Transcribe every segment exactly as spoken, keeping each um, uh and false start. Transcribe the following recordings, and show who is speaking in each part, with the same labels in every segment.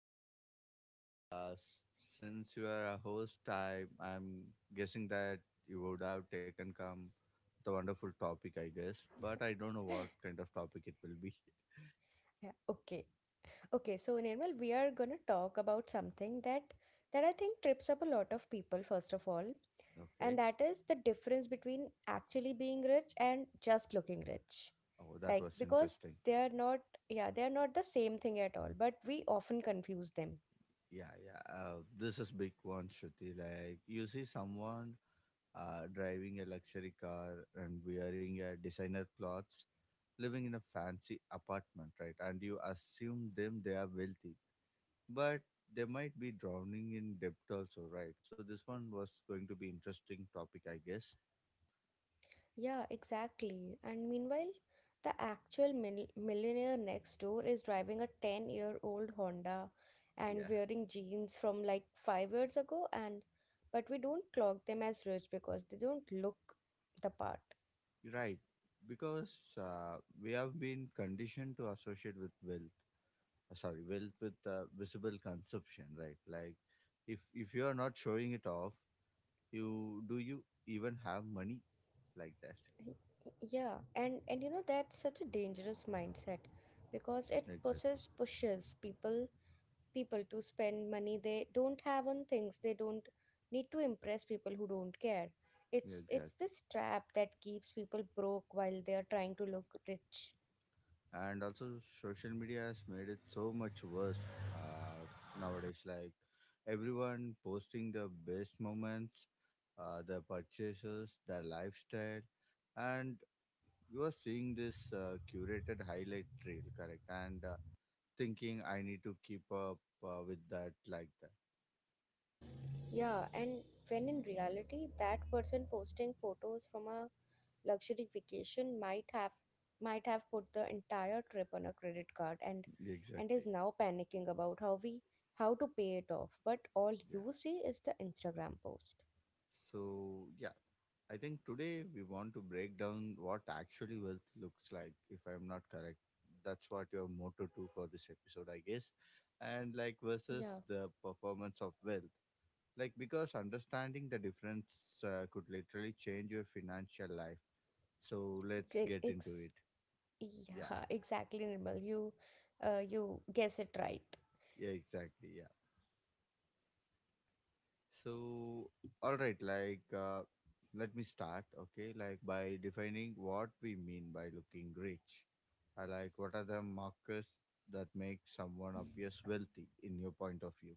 Speaker 1: today?
Speaker 2: Uh, s- since you are a host, I I'm guessing that you would have taken come the wonderful topic, I guess. But I don't know what kind of topic it will be.
Speaker 1: Yeah, okay. Okay, so Nirmal, we are gonna talk about something that that I think trips up a lot of people, first of all, and
Speaker 2: Okay.
Speaker 1: that is the difference between actually being rich and just looking rich
Speaker 2: Oh, that
Speaker 1: like
Speaker 2: was
Speaker 1: because
Speaker 2: interesting.
Speaker 1: they are not yeah they are not the same thing at all, but we often confuse them.
Speaker 2: Yeah, yeah. Uh, this is big one, Shruti. Like you see someone uh, driving a luxury car and wearing a designer clothes living in a fancy apartment, right? And you assume them they are wealthy, but they might be drowning in debt also, right? So this one was going to be interesting topic, I guess.
Speaker 1: Yeah, exactly. And meanwhile, the actual mil- millionaire next door is driving a ten year old Honda and
Speaker 2: Yeah,
Speaker 1: wearing jeans from like five years ago. And but we don't clock them as rich because they don't look the part.
Speaker 2: right. Because uh, we have been conditioned to associate with wealth, uh, sorry, wealth with uh, visible consumption, right? Like if if you are not showing it off, you do, you even have money, like that.
Speaker 1: Yeah, and and you know, that's such a dangerous mindset because it
Speaker 2: Exactly.
Speaker 1: pushes pushes people people to spend money they don't have on things they don't need to impress people who don't care.
Speaker 2: Yeah,
Speaker 1: It's it's
Speaker 2: exactly.
Speaker 1: this trap that keeps people broke while they are trying to look rich.
Speaker 2: And also social media has made it so much worse, uh, nowadays, like everyone posting the best moments, uh, their purchases, their lifestyle. And you are seeing this uh, curated highlight reel, correct? And uh, thinking I need to keep up uh, with that, like.
Speaker 1: Yeah, and when in reality, that person posting photos from a luxury vacation might have might have put the entire trip on a credit card, and
Speaker 2: That,
Speaker 1: and
Speaker 2: exactly.
Speaker 1: is now panicking about how we how to pay it off. But all
Speaker 2: Yeah.
Speaker 1: you see is the Instagram post.
Speaker 2: So, yeah, I think today we want to break down what actually wealth looks like, if I'm not correct. That's what your motto to for this episode, I guess. And like
Speaker 1: Yeah,
Speaker 2: versus the performance of wealth. Like, because understanding the difference uh, could literally change your financial life. So, let's
Speaker 1: ex-
Speaker 2: get into
Speaker 1: ex-
Speaker 2: it. Yeah,
Speaker 1: yeah, exactly, Nirmal. You, uh, you guess it right.
Speaker 2: yeah, exactly. Yeah. So, all right, like, uh, let me start, okay? Like by defining what we mean by looking rich. I, like, what are the markers that make someone appears wealthy in your point of view?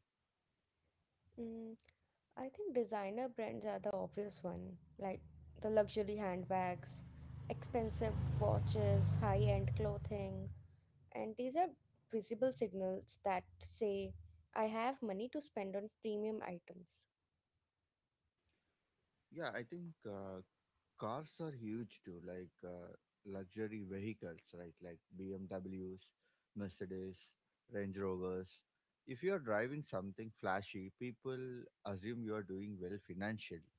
Speaker 1: Mm. I think designer brands are the obvious one, like the luxury handbags, expensive watches, high-end clothing, and these are visible signals that say I have money to spend on premium items.
Speaker 2: Yeah, I think uh, cars are huge too, like uh, luxury vehicles, right? Like B M Ws, Mercedes, Range Rovers. If you are driving something flashy, people assume you are doing well financially.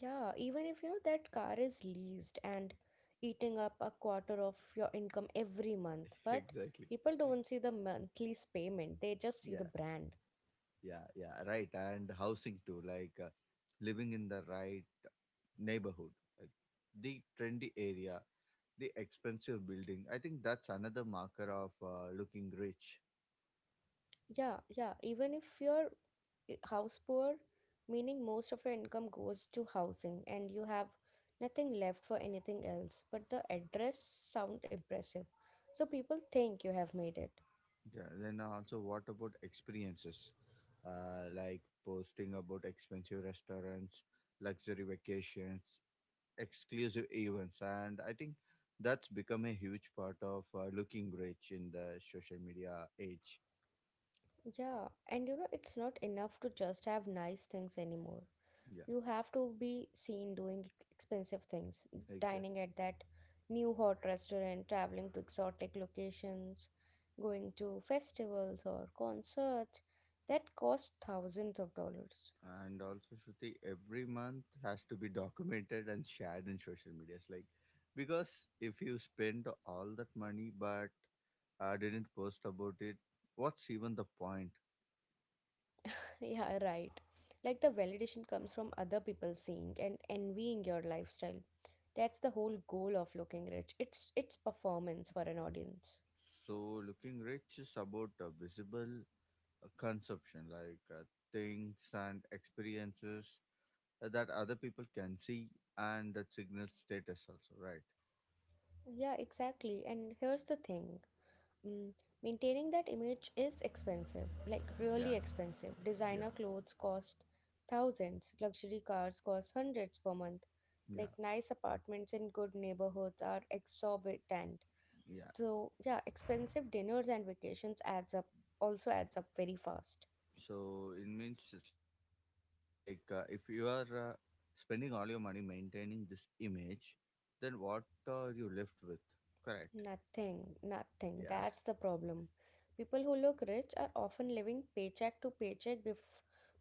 Speaker 1: Yeah, even if you know that car is leased and eating up a quarter of your income every month, but
Speaker 2: Exactly.
Speaker 1: people don't see the monthly payment, they just see the
Speaker 2: Yeah.
Speaker 1: brand.
Speaker 2: Yeah, yeah, right. And housing too, like, uh, living in the right neighborhood, like the trendy area, the expensive building. I think that's another marker of uh, looking rich.
Speaker 1: Yeah, yeah. Even if you're i- house poor, meaning most of your income goes to housing and you have nothing left for anything else, but the address sound impressive. So people think you have made it.
Speaker 2: Yeah, then also what about experiences? Uh, like posting about expensive restaurants, luxury vacations, exclusive events. And I think that's become a huge part of uh, looking rich in the social media age.
Speaker 1: Yeah, and you know, it's not enough to just have nice things anymore.
Speaker 2: Yeah,
Speaker 1: You have to be seen doing expensive things,
Speaker 2: exactly.
Speaker 1: dining at that new hot restaurant, traveling to exotic locations, going to festivals or concerts that cost thousands of dollars.
Speaker 2: And also, Shruti, every month has to be documented and shared in social media. It's like, because if you spend all that money but uh, didn't post about it, what's even the point?
Speaker 1: Yeah, right. Like the validation comes from other people seeing and envying your lifestyle. That's the whole goal of looking rich. It's it's performance for an audience.
Speaker 2: So, looking rich is about uh, visible uh, consumption, like uh, things and experiences uh, that other people can see and that signals status, also, right?
Speaker 1: Yeah, exactly. And here's the thing. Mm, maintaining that image is expensive, like really
Speaker 2: Yeah,
Speaker 1: expensive. Designer
Speaker 2: yeah,
Speaker 1: clothes cost thousands, luxury cars cost hundreds per month. Like nice
Speaker 2: yeah,
Speaker 1: apartments in good neighborhoods are exorbitant. So yeah,
Speaker 2: yeah.
Speaker 1: expensive dinners and vacations adds up also adds up very fast.
Speaker 2: So it means it's like, uh, if you are uh, spending all your money maintaining this image, then what are you left with? Correct.
Speaker 1: Nothing, nothing. That's
Speaker 2: Yeah.
Speaker 1: the problem. People who look rich are often living paycheck to paycheck bef-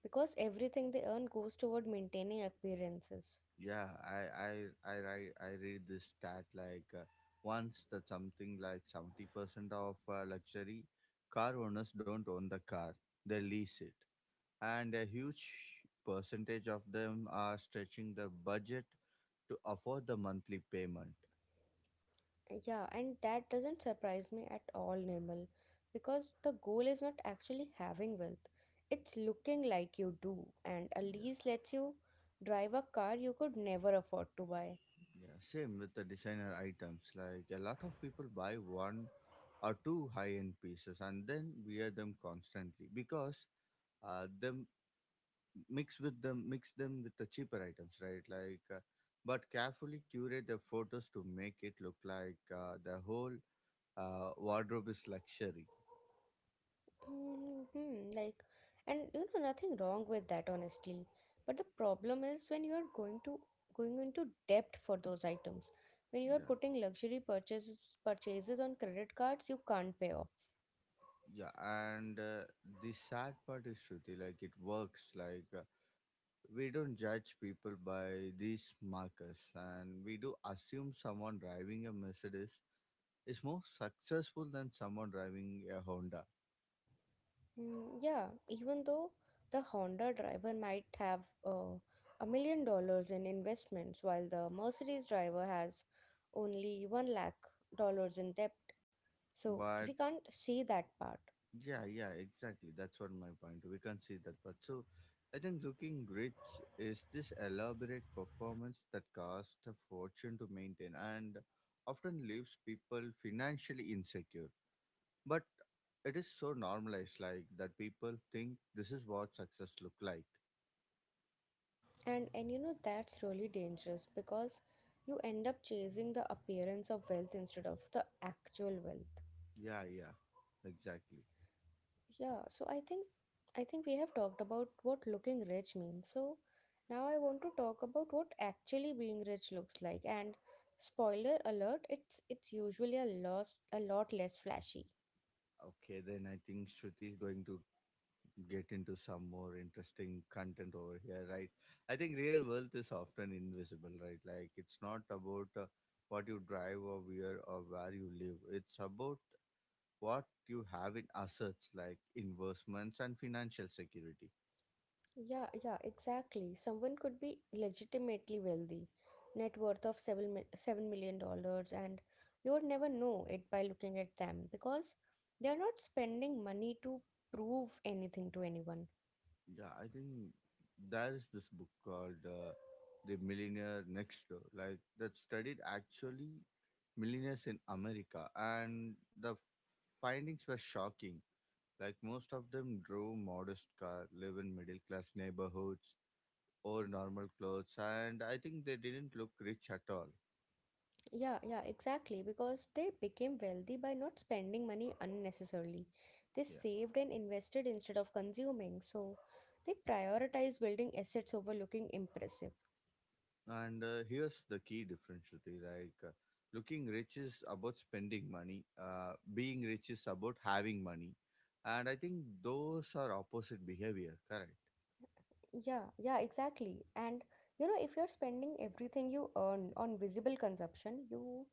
Speaker 1: because everything they earn goes toward maintaining appearances.
Speaker 2: Yeah. I I I write I read this stat like, uh, once, that something like seventy percent of uh, luxury car owners don't own the car; they lease it, and a huge percentage of them are stretching the budget to afford the monthly payment.
Speaker 1: Yeah, and that doesn't surprise me at all, Nirmal, because the goal is not actually having wealth. It's looking like you do, and a
Speaker 2: Yeah.
Speaker 1: lease lets you drive a car you could never afford to buy.
Speaker 2: Yeah, same with the designer items. Like a lot of people buy one or two high-end pieces and then wear them constantly because, uh, them mix with them mix them with the cheaper items, right? Like, uh, but carefully curate the photos to make it look like uh, the whole uh, wardrobe is luxury.
Speaker 1: Hmm, like, and you know, nothing wrong with that, honestly. But the problem is when you are going to going into debt for those items. When you are
Speaker 2: Yeah,
Speaker 1: putting luxury purchases purchases on credit cards, you can't pay off.
Speaker 2: yeah, and uh, the sad part is, Shruti, like it works. Like uh, we don't judge people by these markers and we do assume someone driving a Mercedes is more successful than someone driving a Honda.
Speaker 1: Mm, yeah, even though the Honda driver might have uh, a million dollars in investments, while the Mercedes driver has only one lakh dollars in debt. So
Speaker 2: But
Speaker 1: we can't see that part.
Speaker 2: yeah, yeah, exactly. That's what my point, we can see that, but so I think looking rich is this elaborate performance that costs a fortune to maintain and often leaves people financially insecure, but it is so normalized, like, that people think this is what success look like.
Speaker 1: And and you know, that's really dangerous because you end up chasing the appearance of wealth instead of the actual wealth.
Speaker 2: Yeah, yeah, exactly.
Speaker 1: Yeah, so I think I think we have talked about what looking rich means. So now I want to talk about what actually being rich looks like. And spoiler alert, it's it's usually a lot a lot less flashy.
Speaker 2: Okay, then I think Shruti is going to get into some more interesting content over here, right? I think real wealth is often invisible, right? Like it's not about uh, what you drive or where or where you live. It's about what you have in assets like investments and financial security.
Speaker 1: Yeah, yeah, exactly. Someone could be legitimately wealthy, net worth of seven mi- seven million dollars, and you would never know it by looking at them because they are not spending money to prove anything to anyone.
Speaker 2: Yeah, I think there is this book called, uh, The Millionaire Next Door, like, that studied actually millionaires in America, and the findings were shocking. Like most of them drove modest car, live in middle class neighborhoods, wore normal clothes, and I think they didn't look rich at all.
Speaker 1: Yeah, yeah, exactly. Because they became wealthy by not spending money unnecessarily. They
Speaker 2: Yeah.
Speaker 1: saved and invested instead of consuming. So they prioritize building assets over looking impressive.
Speaker 2: And uh, here's the key difference, Shruti. Like, uh, looking rich is about spending money. Uh, being rich is about having money. And I think those are opposite behavior, correct?
Speaker 1: Yeah, yeah, exactly. And you know, if you're spending everything you earn on visible consumption, you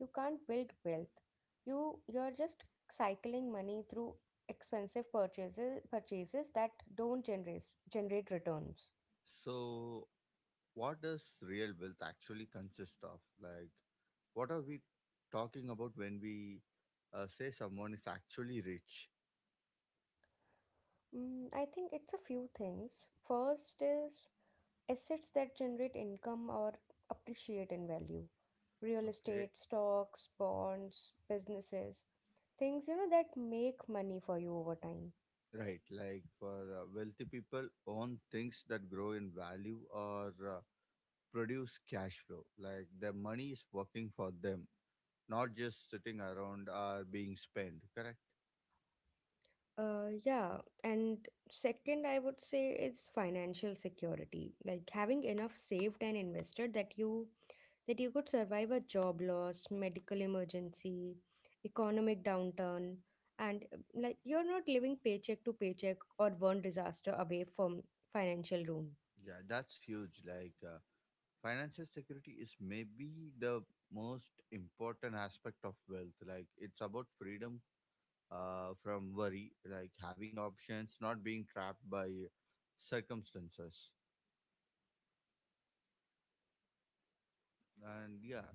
Speaker 1: you can't build wealth. You you're just cycling money through expensive purchases purchases that don't generate generate returns.
Speaker 2: So, what does real wealth actually consist of? Like, what are we talking about when we uh, say someone is actually rich?
Speaker 1: Mm, I think it's a few things. First is assets that generate income or appreciate in value. Real
Speaker 2: Okay,
Speaker 1: estate, stocks, bonds, businesses, things you know that make money for you over time.
Speaker 2: right. Like, for uh, wealthy people, own things that grow in value or uh, produce cash flow. Like the money is working for them, not just sitting around or being spent. Correct?
Speaker 1: Uh, yeah, and second, I would say is financial security, like having enough saved and invested that you that you could survive a job loss, medical emergency, economic downturn, and uh, like you're not living paycheck to paycheck or one disaster away from financial ruin.
Speaker 2: Yeah, that's huge. Like uh, financial security is maybe the most important aspect of wealth. Like it's about freedom uh, from worry, like having options, not being trapped by circumstances. And yeah,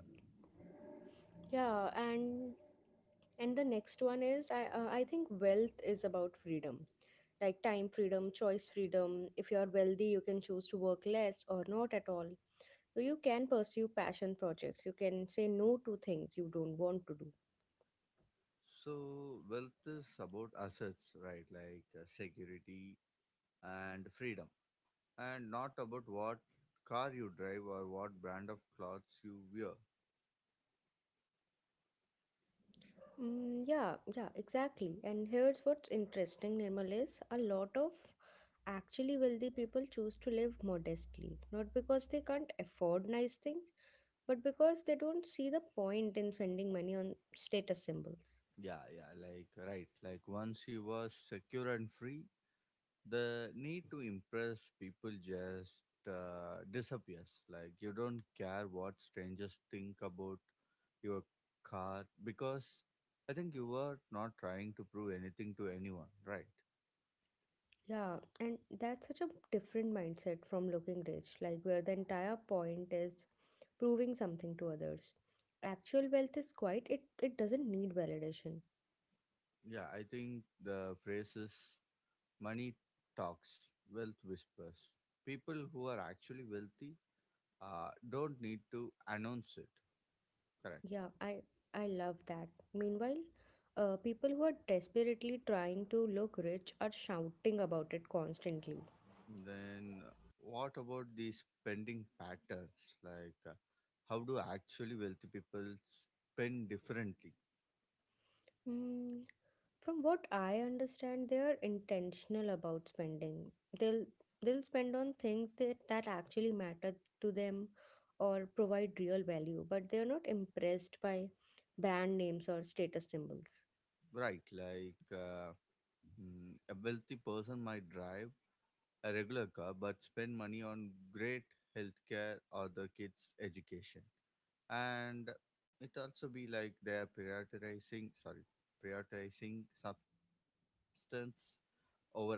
Speaker 1: Yeah, and and the next one is I uh, I think wealth is about freedom. Like time freedom, choice freedom. If you're wealthy, you can choose to work less or not at all. So you can pursue passion projects. You can say no to things you don't want to do.
Speaker 2: so wealth is about assets, right? Like, uh, security and freedom. And not about what car you drive or what brand of clothes you wear.
Speaker 1: Mm, yeah, yeah, exactly. And here's what's interesting, Nirmal, is a lot of actually wealthy people choose to live modestly, not because they can't afford nice things, but because they don't see the point in spending money on status symbols.
Speaker 2: Yeah, yeah, like, right. Like once he was secure and free, the need to impress people just uh, disappears. Like you don't care what strangers think about your car because I think you were not trying to prove anything to anyone, right?
Speaker 1: Yeah, and that's such a different mindset from looking rich, like where the entire point is proving something to others. Actual wealth is quite, it, it doesn't need validation.
Speaker 2: Yeah, I think the phrase is, money talks, wealth whispers. People who are actually wealthy uh, don't need to announce it, correct?
Speaker 1: Yeah, I I love that. Meanwhile, uh, people who are desperately trying to look rich are shouting about it constantly.
Speaker 2: Then what about the spending patterns, like, uh, how do actually wealthy people spend differently?
Speaker 1: Mm, from what I understand, they are intentional about spending. They'll they'll spend on things that that actually matter to them or provide real value, but they are not impressed by brand names or status symbols.
Speaker 2: Right. Like, uh, mm, a wealthy person might drive a regular car but spend money on great healthcare or the kids education. And it also be like they are prioritizing sorry prioritizing substance over appearance.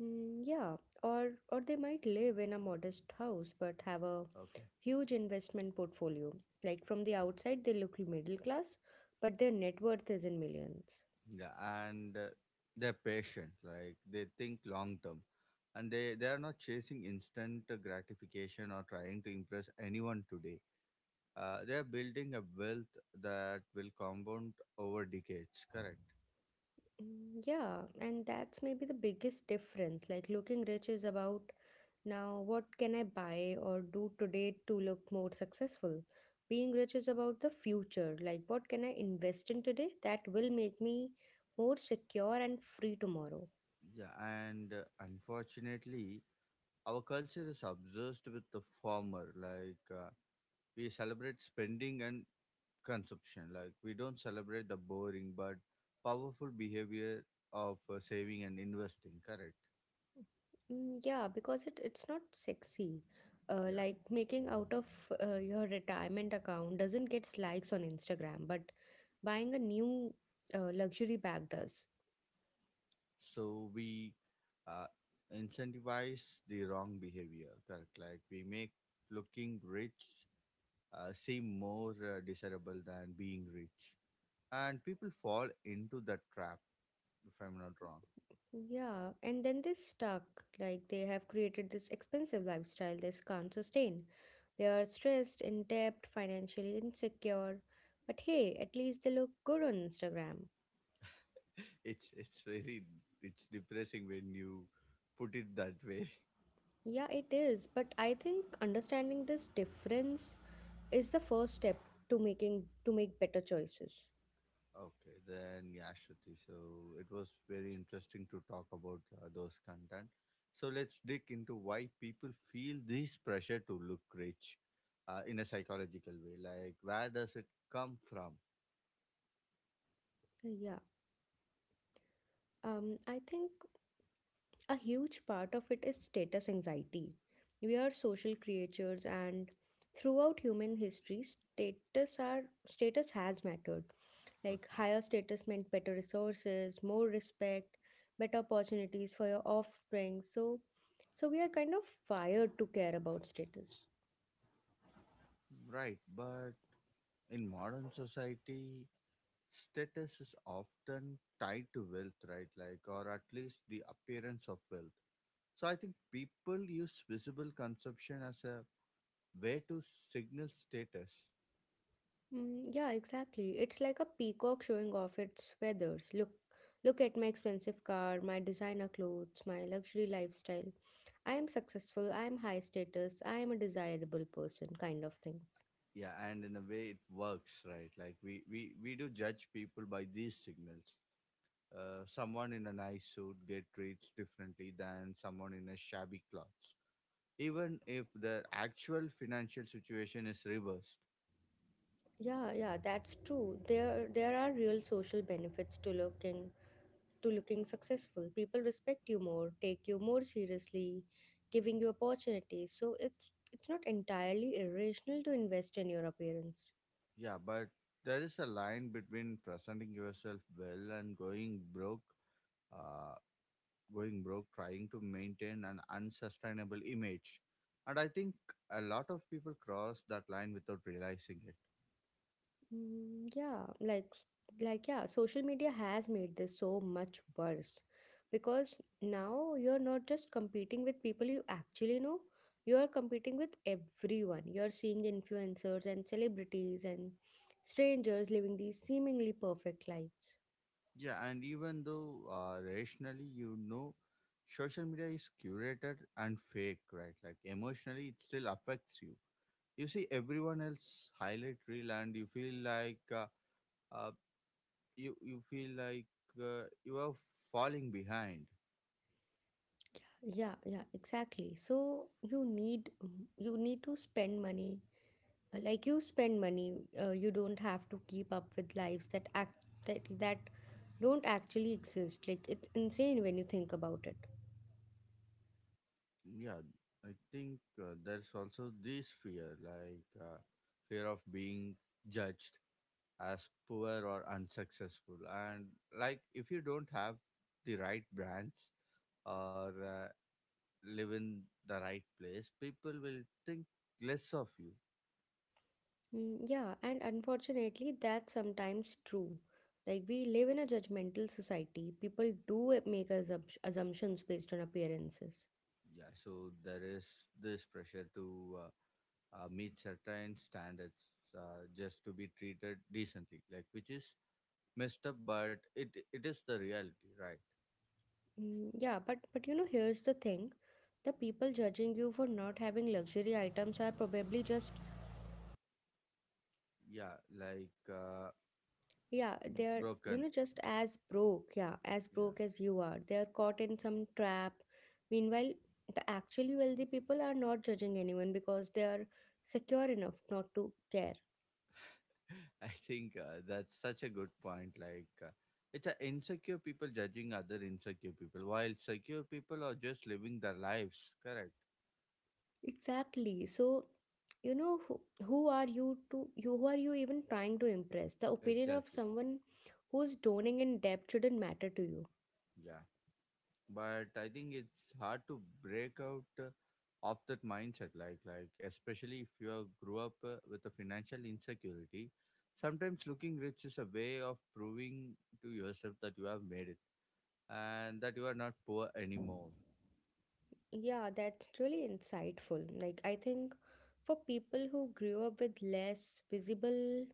Speaker 1: Mm, yeah, or or they might live in a modest house but have a
Speaker 2: Okay.
Speaker 1: huge investment portfolio. Like from the outside, they look middle class, but their net worth is in millions.
Speaker 2: Yeah, and uh, they're patient, like they think long term. And they they are not chasing instant uh, gratification or trying to impress anyone today. Uh, they are building a wealth that will compound over decades, correct?
Speaker 1: Mm, yeah, and that's maybe the biggest difference. Like looking rich is about now what can I buy or do today to look more successful. Being rich is about the future. Like what can I invest in today that will make me more secure and free tomorrow.
Speaker 2: Yeah, and uh, unfortunately our culture is obsessed with the former, like, uh, we celebrate spending and consumption. Like we don't celebrate the boring but powerful behavior of uh, saving and investing, correct?
Speaker 1: Mm, yeah, because it it's not sexy. Uh,
Speaker 2: Yeah,
Speaker 1: like making out of uh, your retirement account doesn't get likes on Instagram, but buying a new uh, luxury bag does.
Speaker 2: so we uh, incentivize the wrong behavior, correct? Like we make looking rich uh, seem more uh, desirable than being rich, and people fall into that trap, if I'm not wrong.
Speaker 1: Yeah, and then they're stuck. Like they have created this expensive lifestyle they can't sustain. They are stressed, in debt, financially insecure. But hey, at least they look good on Instagram.
Speaker 2: it's it's very, it's depressing when you put it that way.
Speaker 1: Yeah, it is. But I think understanding this difference is the first step to making to make better choices.
Speaker 2: Okay, then yeah, Shruti. So it was very interesting to talk about uh, those content. So let's dig into why people feel this pressure to look rich uh, in a psychological way. Like, where does it come from?
Speaker 1: Yeah. Um, I think a huge part of it is status anxiety. We are social creatures, and throughout human history status are status has mattered. Like
Speaker 2: Okay,
Speaker 1: higher status meant better resources, more respect, better opportunities for your offspring. So so we are kind of wired to care about status.
Speaker 2: right. But in modern society, status is often tied to wealth, right? Like, or at least the appearance of wealth. So I think people use visible consumption as a way to signal status.
Speaker 1: Mm, yeah, exactly. It's like a peacock showing off its feathers. Look, look at my expensive car, my designer clothes, my luxury lifestyle. I am successful, I am high status, I am a desirable person, kind of things.
Speaker 2: Yeah, and in a way it works, right? Like we we we do judge people by these signals. Uh, someone in a nice suit get treats differently than someone in a shabby clothes, even if their actual financial situation is reversed.
Speaker 1: Yeah, yeah, that's true. There there are real social benefits to looking to looking successful. People respect you more, take you more seriously, giving you opportunities. So it's it's not entirely irrational to invest in your appearance.
Speaker 2: Yeah, but there is a line between presenting yourself well and going broke, uh, going broke trying to maintain an unsustainable image, and I think a lot of people cross that line without realizing it.
Speaker 1: Mm, yeah, like like yeah, social media has made this so much worse because now you're not just competing with people you actually know, you are competing with everyone. You're seeing influencers and celebrities and strangers living these seemingly perfect lives.
Speaker 2: Yeah, and even though, uh, rationally, you know social media is curated and fake, right? Like emotionally, it still affects you. You see everyone else highlight reel, and you feel like uh, uh, you you feel like uh, you are falling behind.
Speaker 1: Yeah, yeah, exactly. So you need you need to spend money like you spend money uh, you don't have to keep up with lives that act that, that don't actually exist. Like it's insane when you think about it.
Speaker 2: Yeah, I think uh, there's also this fear, like, uh, fear of being judged as poor or unsuccessful, and like, if you don't have the right brands or uh, live in the right place, people will think less of you.
Speaker 1: Mm, yeah, and unfortunately that's sometimes true. Like we live in a judgmental society, people do it- make assump- assumptions based on appearances.
Speaker 2: Yeah, so there is this pressure to uh, uh, meet certain standards, uh, just to be treated decently, like, which is messed up, but it it is the reality, right?
Speaker 1: Mm, yeah, but but you know, here's the thing, the people judging you for not having luxury items are probably just—
Speaker 2: Yeah, like, uh,
Speaker 1: yeah, they're, you know,
Speaker 2: broken.
Speaker 1: just as broke, yeah, as
Speaker 2: Yeah,
Speaker 1: broke as you are. They're caught in some trap. Meanwhile, the actually wealthy people are not judging anyone because they are secure enough not to care.
Speaker 2: I think uh, that's such a good point. Like. Uh, it's a insecure people judging other insecure people while secure people are just living their lives, correct?
Speaker 1: Exactly. So, you know, who, who are you to, you, who are you even trying to impress? The opinion of
Speaker 2: Exactly.
Speaker 1: someone who's drowning in debt shouldn't matter to you.
Speaker 2: Yeah, but I think it's hard to break out uh, of that mindset, like like especially if you are grew up uh, with a financial insecurity. Sometimes looking rich is a way of proving to yourself that you have made it and that you are not poor anymore.
Speaker 1: Yeah, that's really insightful. Like, I think for people who grew up with less, visible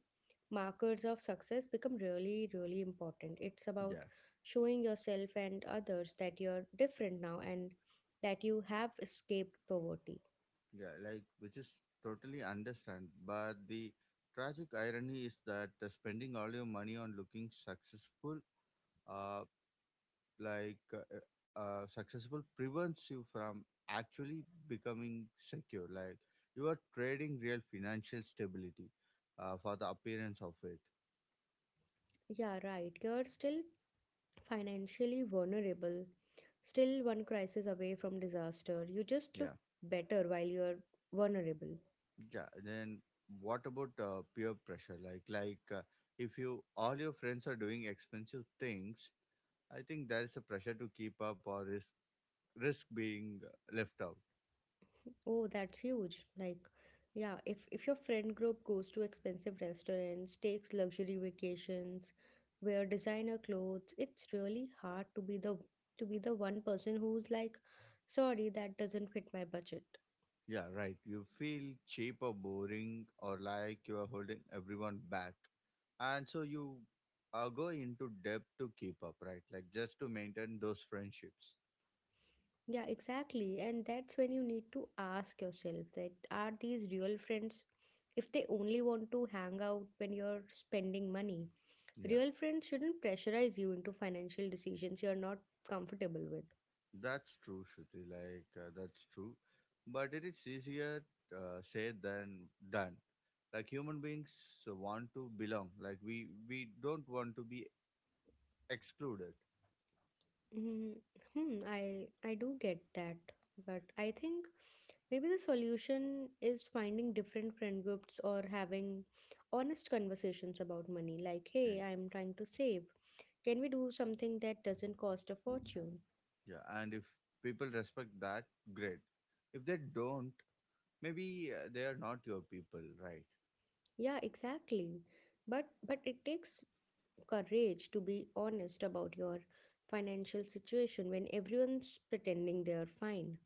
Speaker 1: markers of success become really, really important. It's
Speaker 2: Yeah,
Speaker 1: about showing yourself and others that you're different now and that you have escaped poverty.
Speaker 2: yeah, like, which is totally understand, but the tragic irony is that uh, spending all your money on looking successful uh, like uh, uh, uh, successful prevents you from actually becoming secure, like you are trading real financial stability uh, for the appearance of it.
Speaker 1: Yeah, right. You're still financially vulnerable, still one crisis away from disaster. You just look
Speaker 2: Yeah,
Speaker 1: better while you're vulnerable.
Speaker 2: yeah, then what about uh, peer pressure, like like uh, if you all your friends are doing expensive things, I think there is a pressure to keep up or risk risk being uh, left out.
Speaker 1: Oh, that's huge. Like, yeah, if if your friend group goes to expensive restaurants, takes luxury vacations, wear designer clothes, it's really hard to be the to be the one person who's like, sorry, that doesn't fit my budget.
Speaker 2: Yeah, right. You feel cheap or boring or like you are holding everyone back. And so you uh, go into debt to keep up, right? Like, just to maintain those friendships.
Speaker 1: Yeah, exactly. And that's when you need to ask yourself that are these real friends if they only want to hang out when you're spending money?
Speaker 2: Yeah,
Speaker 1: Real friends shouldn't pressurize you into financial decisions you're not comfortable with.
Speaker 2: that's true, Shruti. Like, uh, that's true. But it is easier uh, said than done. Like, human beings want to belong. Like, we, we don't want to be excluded.
Speaker 1: Hmm. hmm, I I do get that, but I think maybe the solution is finding different friend groups or having honest conversations about money. Like,
Speaker 2: Eh,
Speaker 1: hey, I'm trying to save. Can we do something that doesn't cost a fortune?
Speaker 2: Yeah, and if people respect that, great. If they don't, maybe uh, they are not your people, right?
Speaker 1: Yeah, exactly. But but it takes courage to be honest about your financial situation when everyone's pretending they're fine.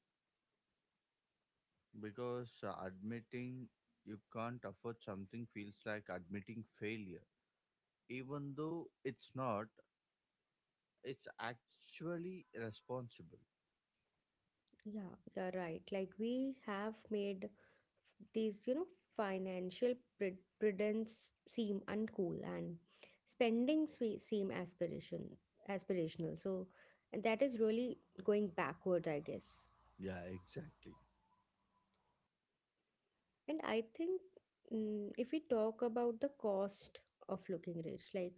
Speaker 2: Because uh, admitting you can't afford something feels like admitting failure. Even though it's not, it's actually responsible.
Speaker 1: Yeah, you're right. Like we have made these you know financial pre- prudence seem uncool and spending swe- seem aspiration aspirational, so that is really going backwards, I guess.
Speaker 2: Yeah, exactly.
Speaker 1: And I think, mm, if we talk about the cost of looking rich, like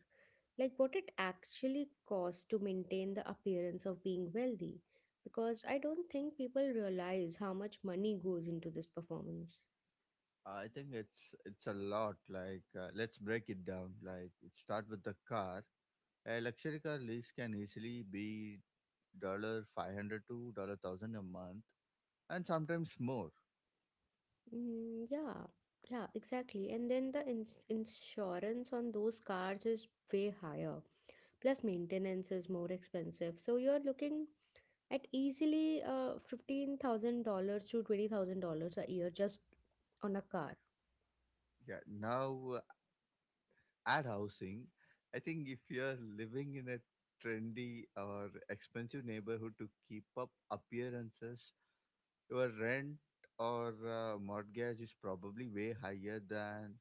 Speaker 1: like what it actually costs to maintain the appearance of being wealthy, because I don't think people realize how much money goes into this performance.
Speaker 2: I think it's it's a lot. Like, uh, let's break it down. Like, it start with the car. A luxury car lease can easily be dollar five hundred to dollar thousand a month, and sometimes more.
Speaker 1: Mm, yeah, yeah, exactly. And then the ins insurance on those cars is way higher. Plus, maintenance is more expensive. So you're looking at easily uh, fifteen thousand dollars to twenty thousand dollars a year just on a car.
Speaker 2: Yeah. Now ad housing, I think if you're living in a trendy or expensive neighborhood to keep up appearances, your rent or uh, mortgage is probably way higher than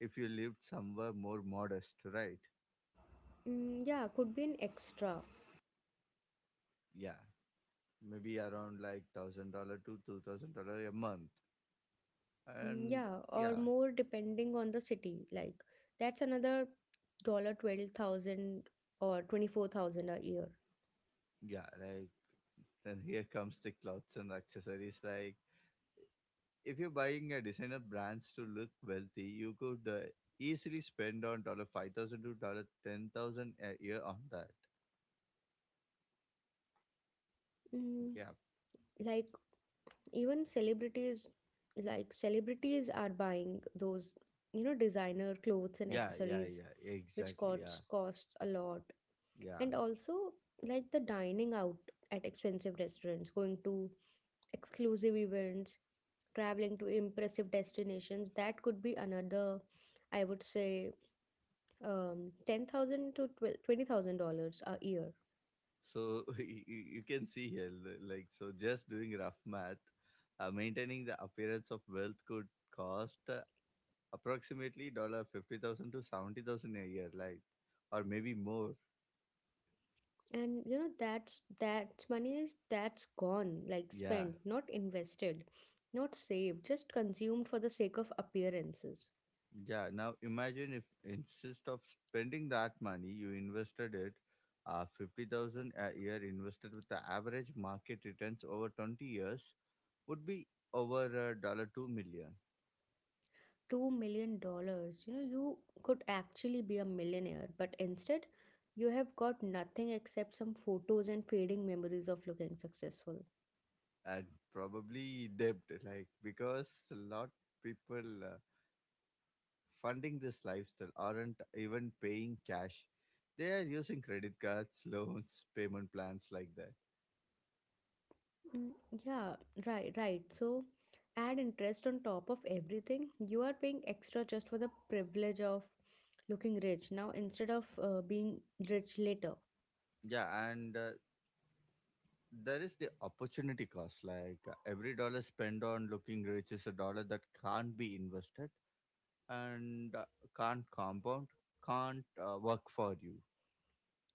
Speaker 2: if you lived somewhere more modest, right?
Speaker 1: Mm, yeah, could be an extra.
Speaker 2: Yeah, maybe around like thousand dollar to two thousand dollar a month,
Speaker 1: Mm,
Speaker 2: and
Speaker 1: yeah, or
Speaker 2: yeah,
Speaker 1: more depending on the city. Like that's another dollar twelve thousand or twenty four thousand a year.
Speaker 2: yeah, like then here comes the clothes and accessories, like, if you're buying a designer brands to look wealthy, you could uh, easily spend on dollar five thousand to dollar ten thousand a year on that.
Speaker 1: Mm,
Speaker 2: Yeah,
Speaker 1: like even celebrities, like celebrities are buying those you know designer clothes and
Speaker 2: yeah, yeah,
Speaker 1: accessories,
Speaker 2: yeah.
Speaker 1: which
Speaker 2: Exactly. Yeah,
Speaker 1: costs costs a lot.
Speaker 2: yeah.
Speaker 1: And also, like the dining out at expensive restaurants, going to exclusive events, traveling to impressive destinations, that could be another, I would say, um, ten thousand to twenty thousand dollars a year.
Speaker 2: So you, you you can see here, li- like, so just doing rough math, uh, maintaining the appearance of wealth could cost uh, approximately dollar fifty thousand to seventy thousand a year, like, or maybe more.
Speaker 1: And you know, that's that's money is that's gone, like
Speaker 2: Yeah.
Speaker 1: spent, not invested, not saved, just consumed for the sake of appearances.
Speaker 2: Yeah, now imagine if instead of spending that money, you invested it, uh, fifty thousand a year invested with the average market returns over twenty years would be over a dollar two million,
Speaker 1: two million dollars, you know, you could actually be a millionaire, but instead you have got nothing except some photos and fading memories of looking successful.
Speaker 2: and probably debt, like, because a lot people uh, funding this lifestyle aren't even paying cash. They are using credit cards, loans, payment plans like that.
Speaker 1: Mm, yeah, right right, so add interest on top of everything. You are paying extra just for the privilege of looking rich now instead of uh, being rich later.
Speaker 2: Yeah, and uh, there is the opportunity cost, like uh, every dollar spent on looking rich is a dollar that can't be invested, and uh, can't compound, can't uh, work for you,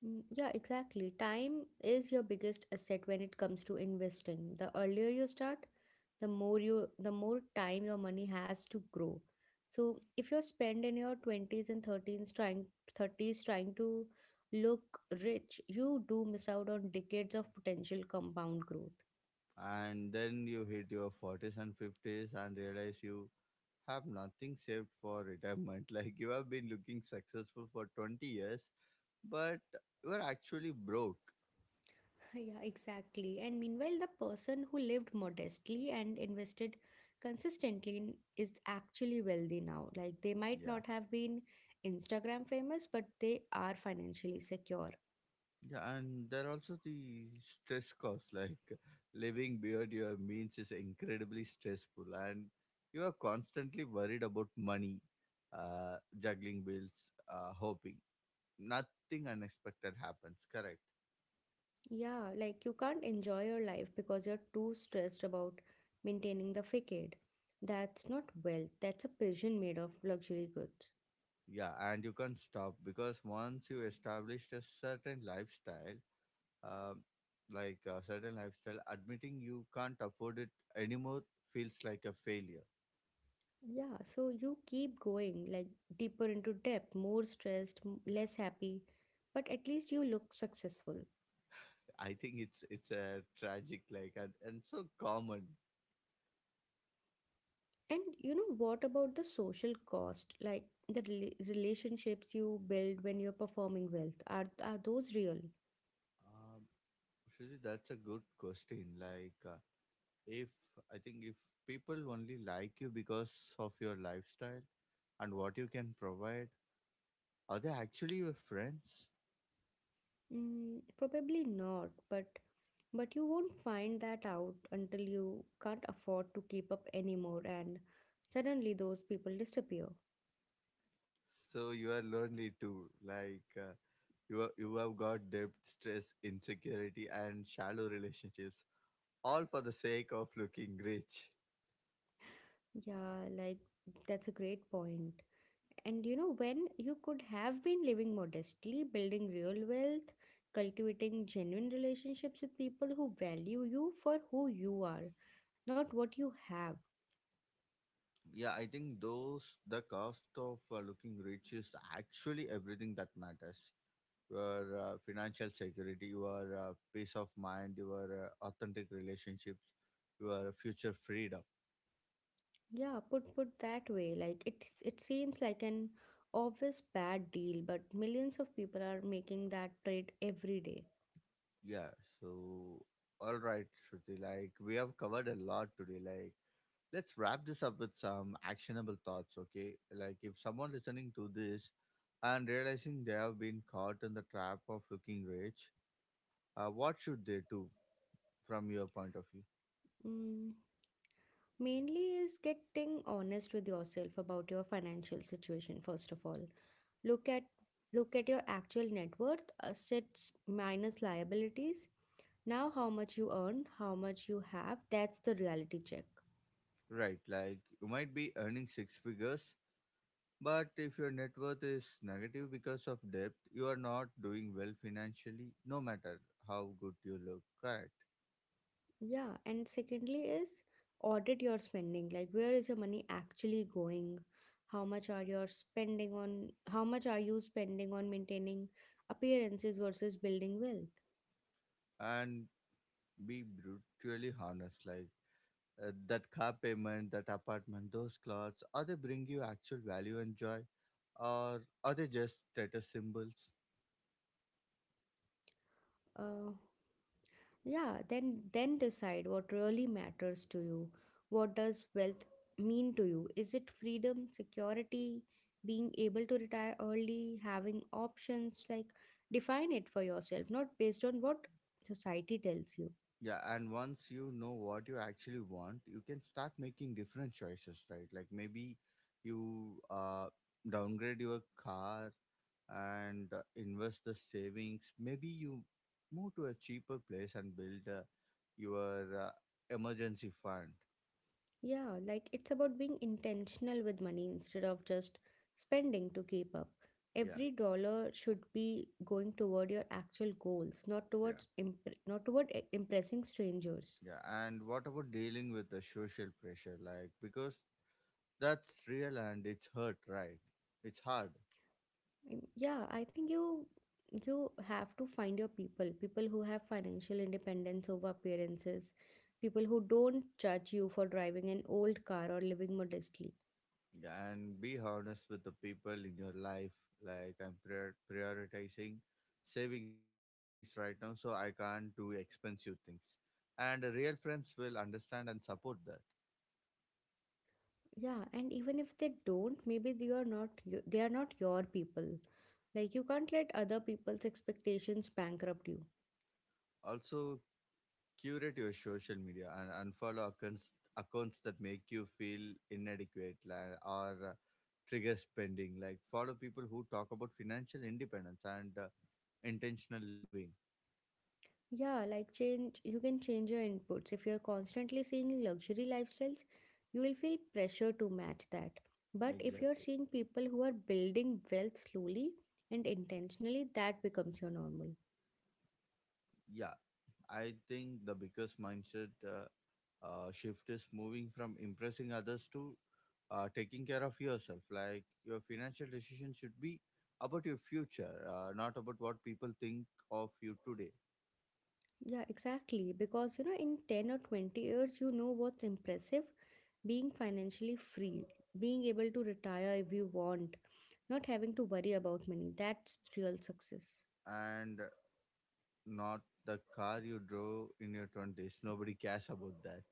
Speaker 1: Mm, Yeah, exactly. Time is your biggest asset when it comes to investing. The earlier you start, the more you the more time your money has to grow. So if you're spending your twenties and thirteens trying thirties trying to look rich, you do miss out on decades of potential compound growth.
Speaker 2: and then you hit your forties and fifties and realize you have nothing saved for retirement like you have been looking successful for twenty years, but you are actually broke.
Speaker 1: Yeah, exactly. And meanwhile, the person who lived modestly and invested consistently in, is actually wealthy now. Like, they might
Speaker 2: Yeah.
Speaker 1: not have been Instagram famous, but they are financially secure.
Speaker 2: Yeah, and there are also the stress costs. Like, living beyond your means is incredibly stressful, and you are constantly worried about money, uh, juggling bills, uh, hoping nothing unexpected happens. Correct.
Speaker 1: Yeah, like you can't enjoy your life because you're too stressed about maintaining the facade. That's not wealth, that's a prison made of luxury goods.
Speaker 2: Yeah, and you can't stop because once you established a certain lifestyle, um, like a certain lifestyle, admitting you can't afford it anymore feels like a failure.
Speaker 1: Yeah, so you keep going, like deeper into debt, more stressed, m- less happy, but at least you look successful.
Speaker 2: I think it's it's a tragic, like, and, and so common.
Speaker 1: And you know, what about the social cost? Like the rela- relationships you build when you're performing wealth, are are those real?
Speaker 2: Um, Shruti, that's a good question. Like, uh, if I think if people only like you because of your lifestyle and what you can provide, are they actually your friends?
Speaker 1: Mm, probably not, but but you won't find that out until you can't afford to keep up anymore, and suddenly those people disappear.
Speaker 2: So you are lonely too. Like, uh, you are, you have got debt, stress, insecurity, and shallow relationships, all for the sake of looking rich.
Speaker 1: Yeah, like that's a great point. And you know, when you could have been living modestly, building real wealth, cultivating genuine relationships with people who value you for who you are, not what you have.
Speaker 2: Yeah, I think those the cost of uh, looking rich is actually everything that matters. Your uh, financial security, your uh, peace of mind, your uh, authentic relationships, your future freedom.
Speaker 1: Yeah, put put that way. Like it it seems like an obvious bad deal, but millions of people are making that trade every day.
Speaker 2: Yeah. So, all right, Shruti. Like, we have covered a lot today. Like, let's wrap this up with some actionable thoughts. Okay. Like, if someone listening to this and realizing they have been caught in the trap of looking rich, uh, what should they do? From your point of view.
Speaker 1: Mm, Mainly is getting honest with yourself about your financial situation. First of all, look at look at your actual net worth, assets minus liabilities, now how much you earn, how much you have. That's the reality check.
Speaker 2: Right, like you might be earning six figures, but if your net worth is negative because of debt, you are not doing well financially, no matter how good you look. Correct.
Speaker 1: Yeah, and secondly is audit your spending. Like where is your money actually going? how much are you spending on how much are you spending on maintaining appearances versus building wealth?
Speaker 2: And be brutally honest, like uh, that car payment, that apartment, those clothes, are they bring you actual value and joy? Or are they just status symbols?
Speaker 1: uh, Yeah, then then decide what really matters to you. What does wealth mean to you? Is it freedom, security, being able to retire early, having options? Like define it for yourself, not based on what society tells you.
Speaker 2: Yeah, and once you know what you actually want, you can start making different choices, right? Like, maybe you uh, downgrade your car and uh, invest the savings. Maybe you move to a cheaper place and build uh, your uh, emergency fund.
Speaker 1: Yeah, like it's about being intentional with money instead of just spending to keep up.
Speaker 2: Yeah,
Speaker 1: Every dollar should be going toward your actual goals, not
Speaker 2: yeah,
Speaker 1: towards imp- not toward eh, impressing strangers.
Speaker 2: yeah. And what about dealing with the social pressure? Like, because that's real and it's hurt, right? It's hard.
Speaker 1: Mm, yeah, I think you you have to find your people, people who have financial independence over appearances, people who don't judge you for driving an old car or living modestly.
Speaker 2: Yeah, and be honest with the people in your life, like, I'm prior- prioritizing savings right now, so I can't do expensive things, and the real friends will understand and support that.
Speaker 1: Yeah, and even if they don't, maybe they are not you- they are not your people. Like you can't let other people's expectations bankrupt you.
Speaker 2: Also, curate your social media and unfollow accounts accounts that make you feel inadequate, like, or uh, trigger spending. Like, follow people who talk about financial independence and uh, intentional living.
Speaker 1: Yeah, like change, you can change your inputs. If you're constantly seeing luxury lifestyles, you will feel pressure to match that. But if you're
Speaker 2: Exactly.
Speaker 1: seeing people who are building wealth slowly and intentionally, that becomes your normal.
Speaker 2: Yeah, I think the biggest mindset uh, uh, shift is moving from impressing others to uh, taking care of yourself. Like, your financial decision should be about your future, uh, not about what people think of you today,
Speaker 1: Yeah, exactly. Because you know, in ten or twenty years, you know what's impressive: being financially free, being able to retire if you want, not having to worry about money. That's real success.
Speaker 2: and not the car you drove in your twenties. Nobody cares about that.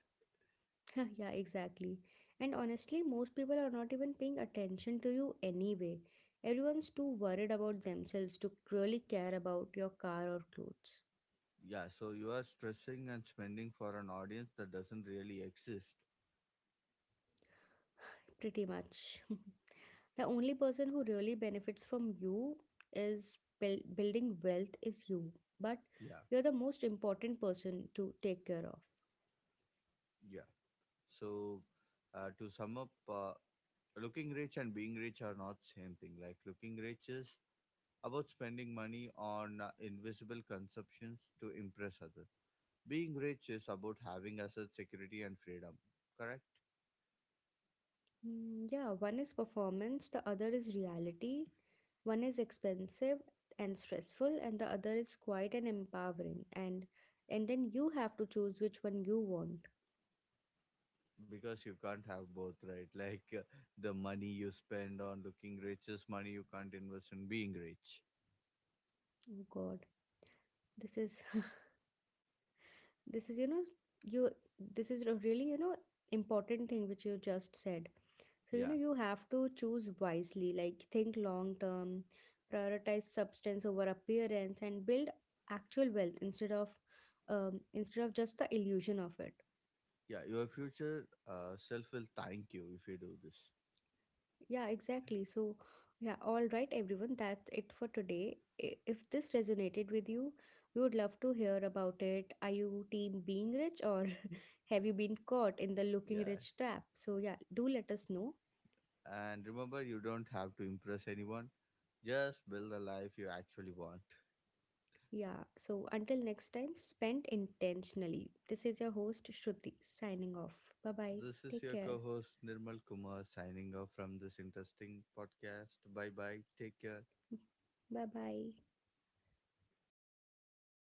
Speaker 1: Yeah, exactly. And honestly, most people are not even paying attention to you anyway. Everyone's too worried about themselves to really care about your car or clothes.
Speaker 2: Yeah, so you are stressing and spending for an audience that doesn't really exist.
Speaker 1: Pretty much. The only person who really benefits from you is buil- building wealth is you. But
Speaker 2: Yeah,
Speaker 1: you're the most important person to take care of.
Speaker 2: yeah. So, uh, to sum up, uh, looking rich and being rich are not same thing. Like, looking rich is about spending money on uh, invisible consumptions to impress others. Being rich is about having asset security and freedom. Correct?
Speaker 1: Mm, yeah, one is performance, the other is reality. One is expensive and stressful, and the other is quiet and empowering. And and then you have to choose which one you want.
Speaker 2: Because you can't have both, right? Like, uh, the money you spend on looking rich is money you can't invest in being rich.
Speaker 1: Oh God, this is this is, you know you this is a really, you know, important thing which you just said. So you
Speaker 2: Yeah,
Speaker 1: know, you have to choose wisely, like think long term, prioritize substance over appearance, and build actual wealth instead of um, instead of just the illusion of it.
Speaker 2: yeah. Your future uh, self will thank you if you do this.
Speaker 1: Yeah, exactly. So, yeah, all right, everyone, that's it for today. I- If this resonated with you, we would love to hear about it. Are you team being rich, or have you been caught in the looking
Speaker 2: Yeah.
Speaker 1: rich trap? So, yeah, do let us know.
Speaker 2: And remember, you don't have to impress anyone. Just build the life you actually want.
Speaker 1: Yeah, so until next time, spend intentionally. This is your host, Shruti, signing off. Bye bye.
Speaker 2: This is
Speaker 1: Take
Speaker 2: your
Speaker 1: care.
Speaker 2: co host Nirmal Kumar signing off from this interesting podcast. Bye bye. Take care.
Speaker 1: Bye bye.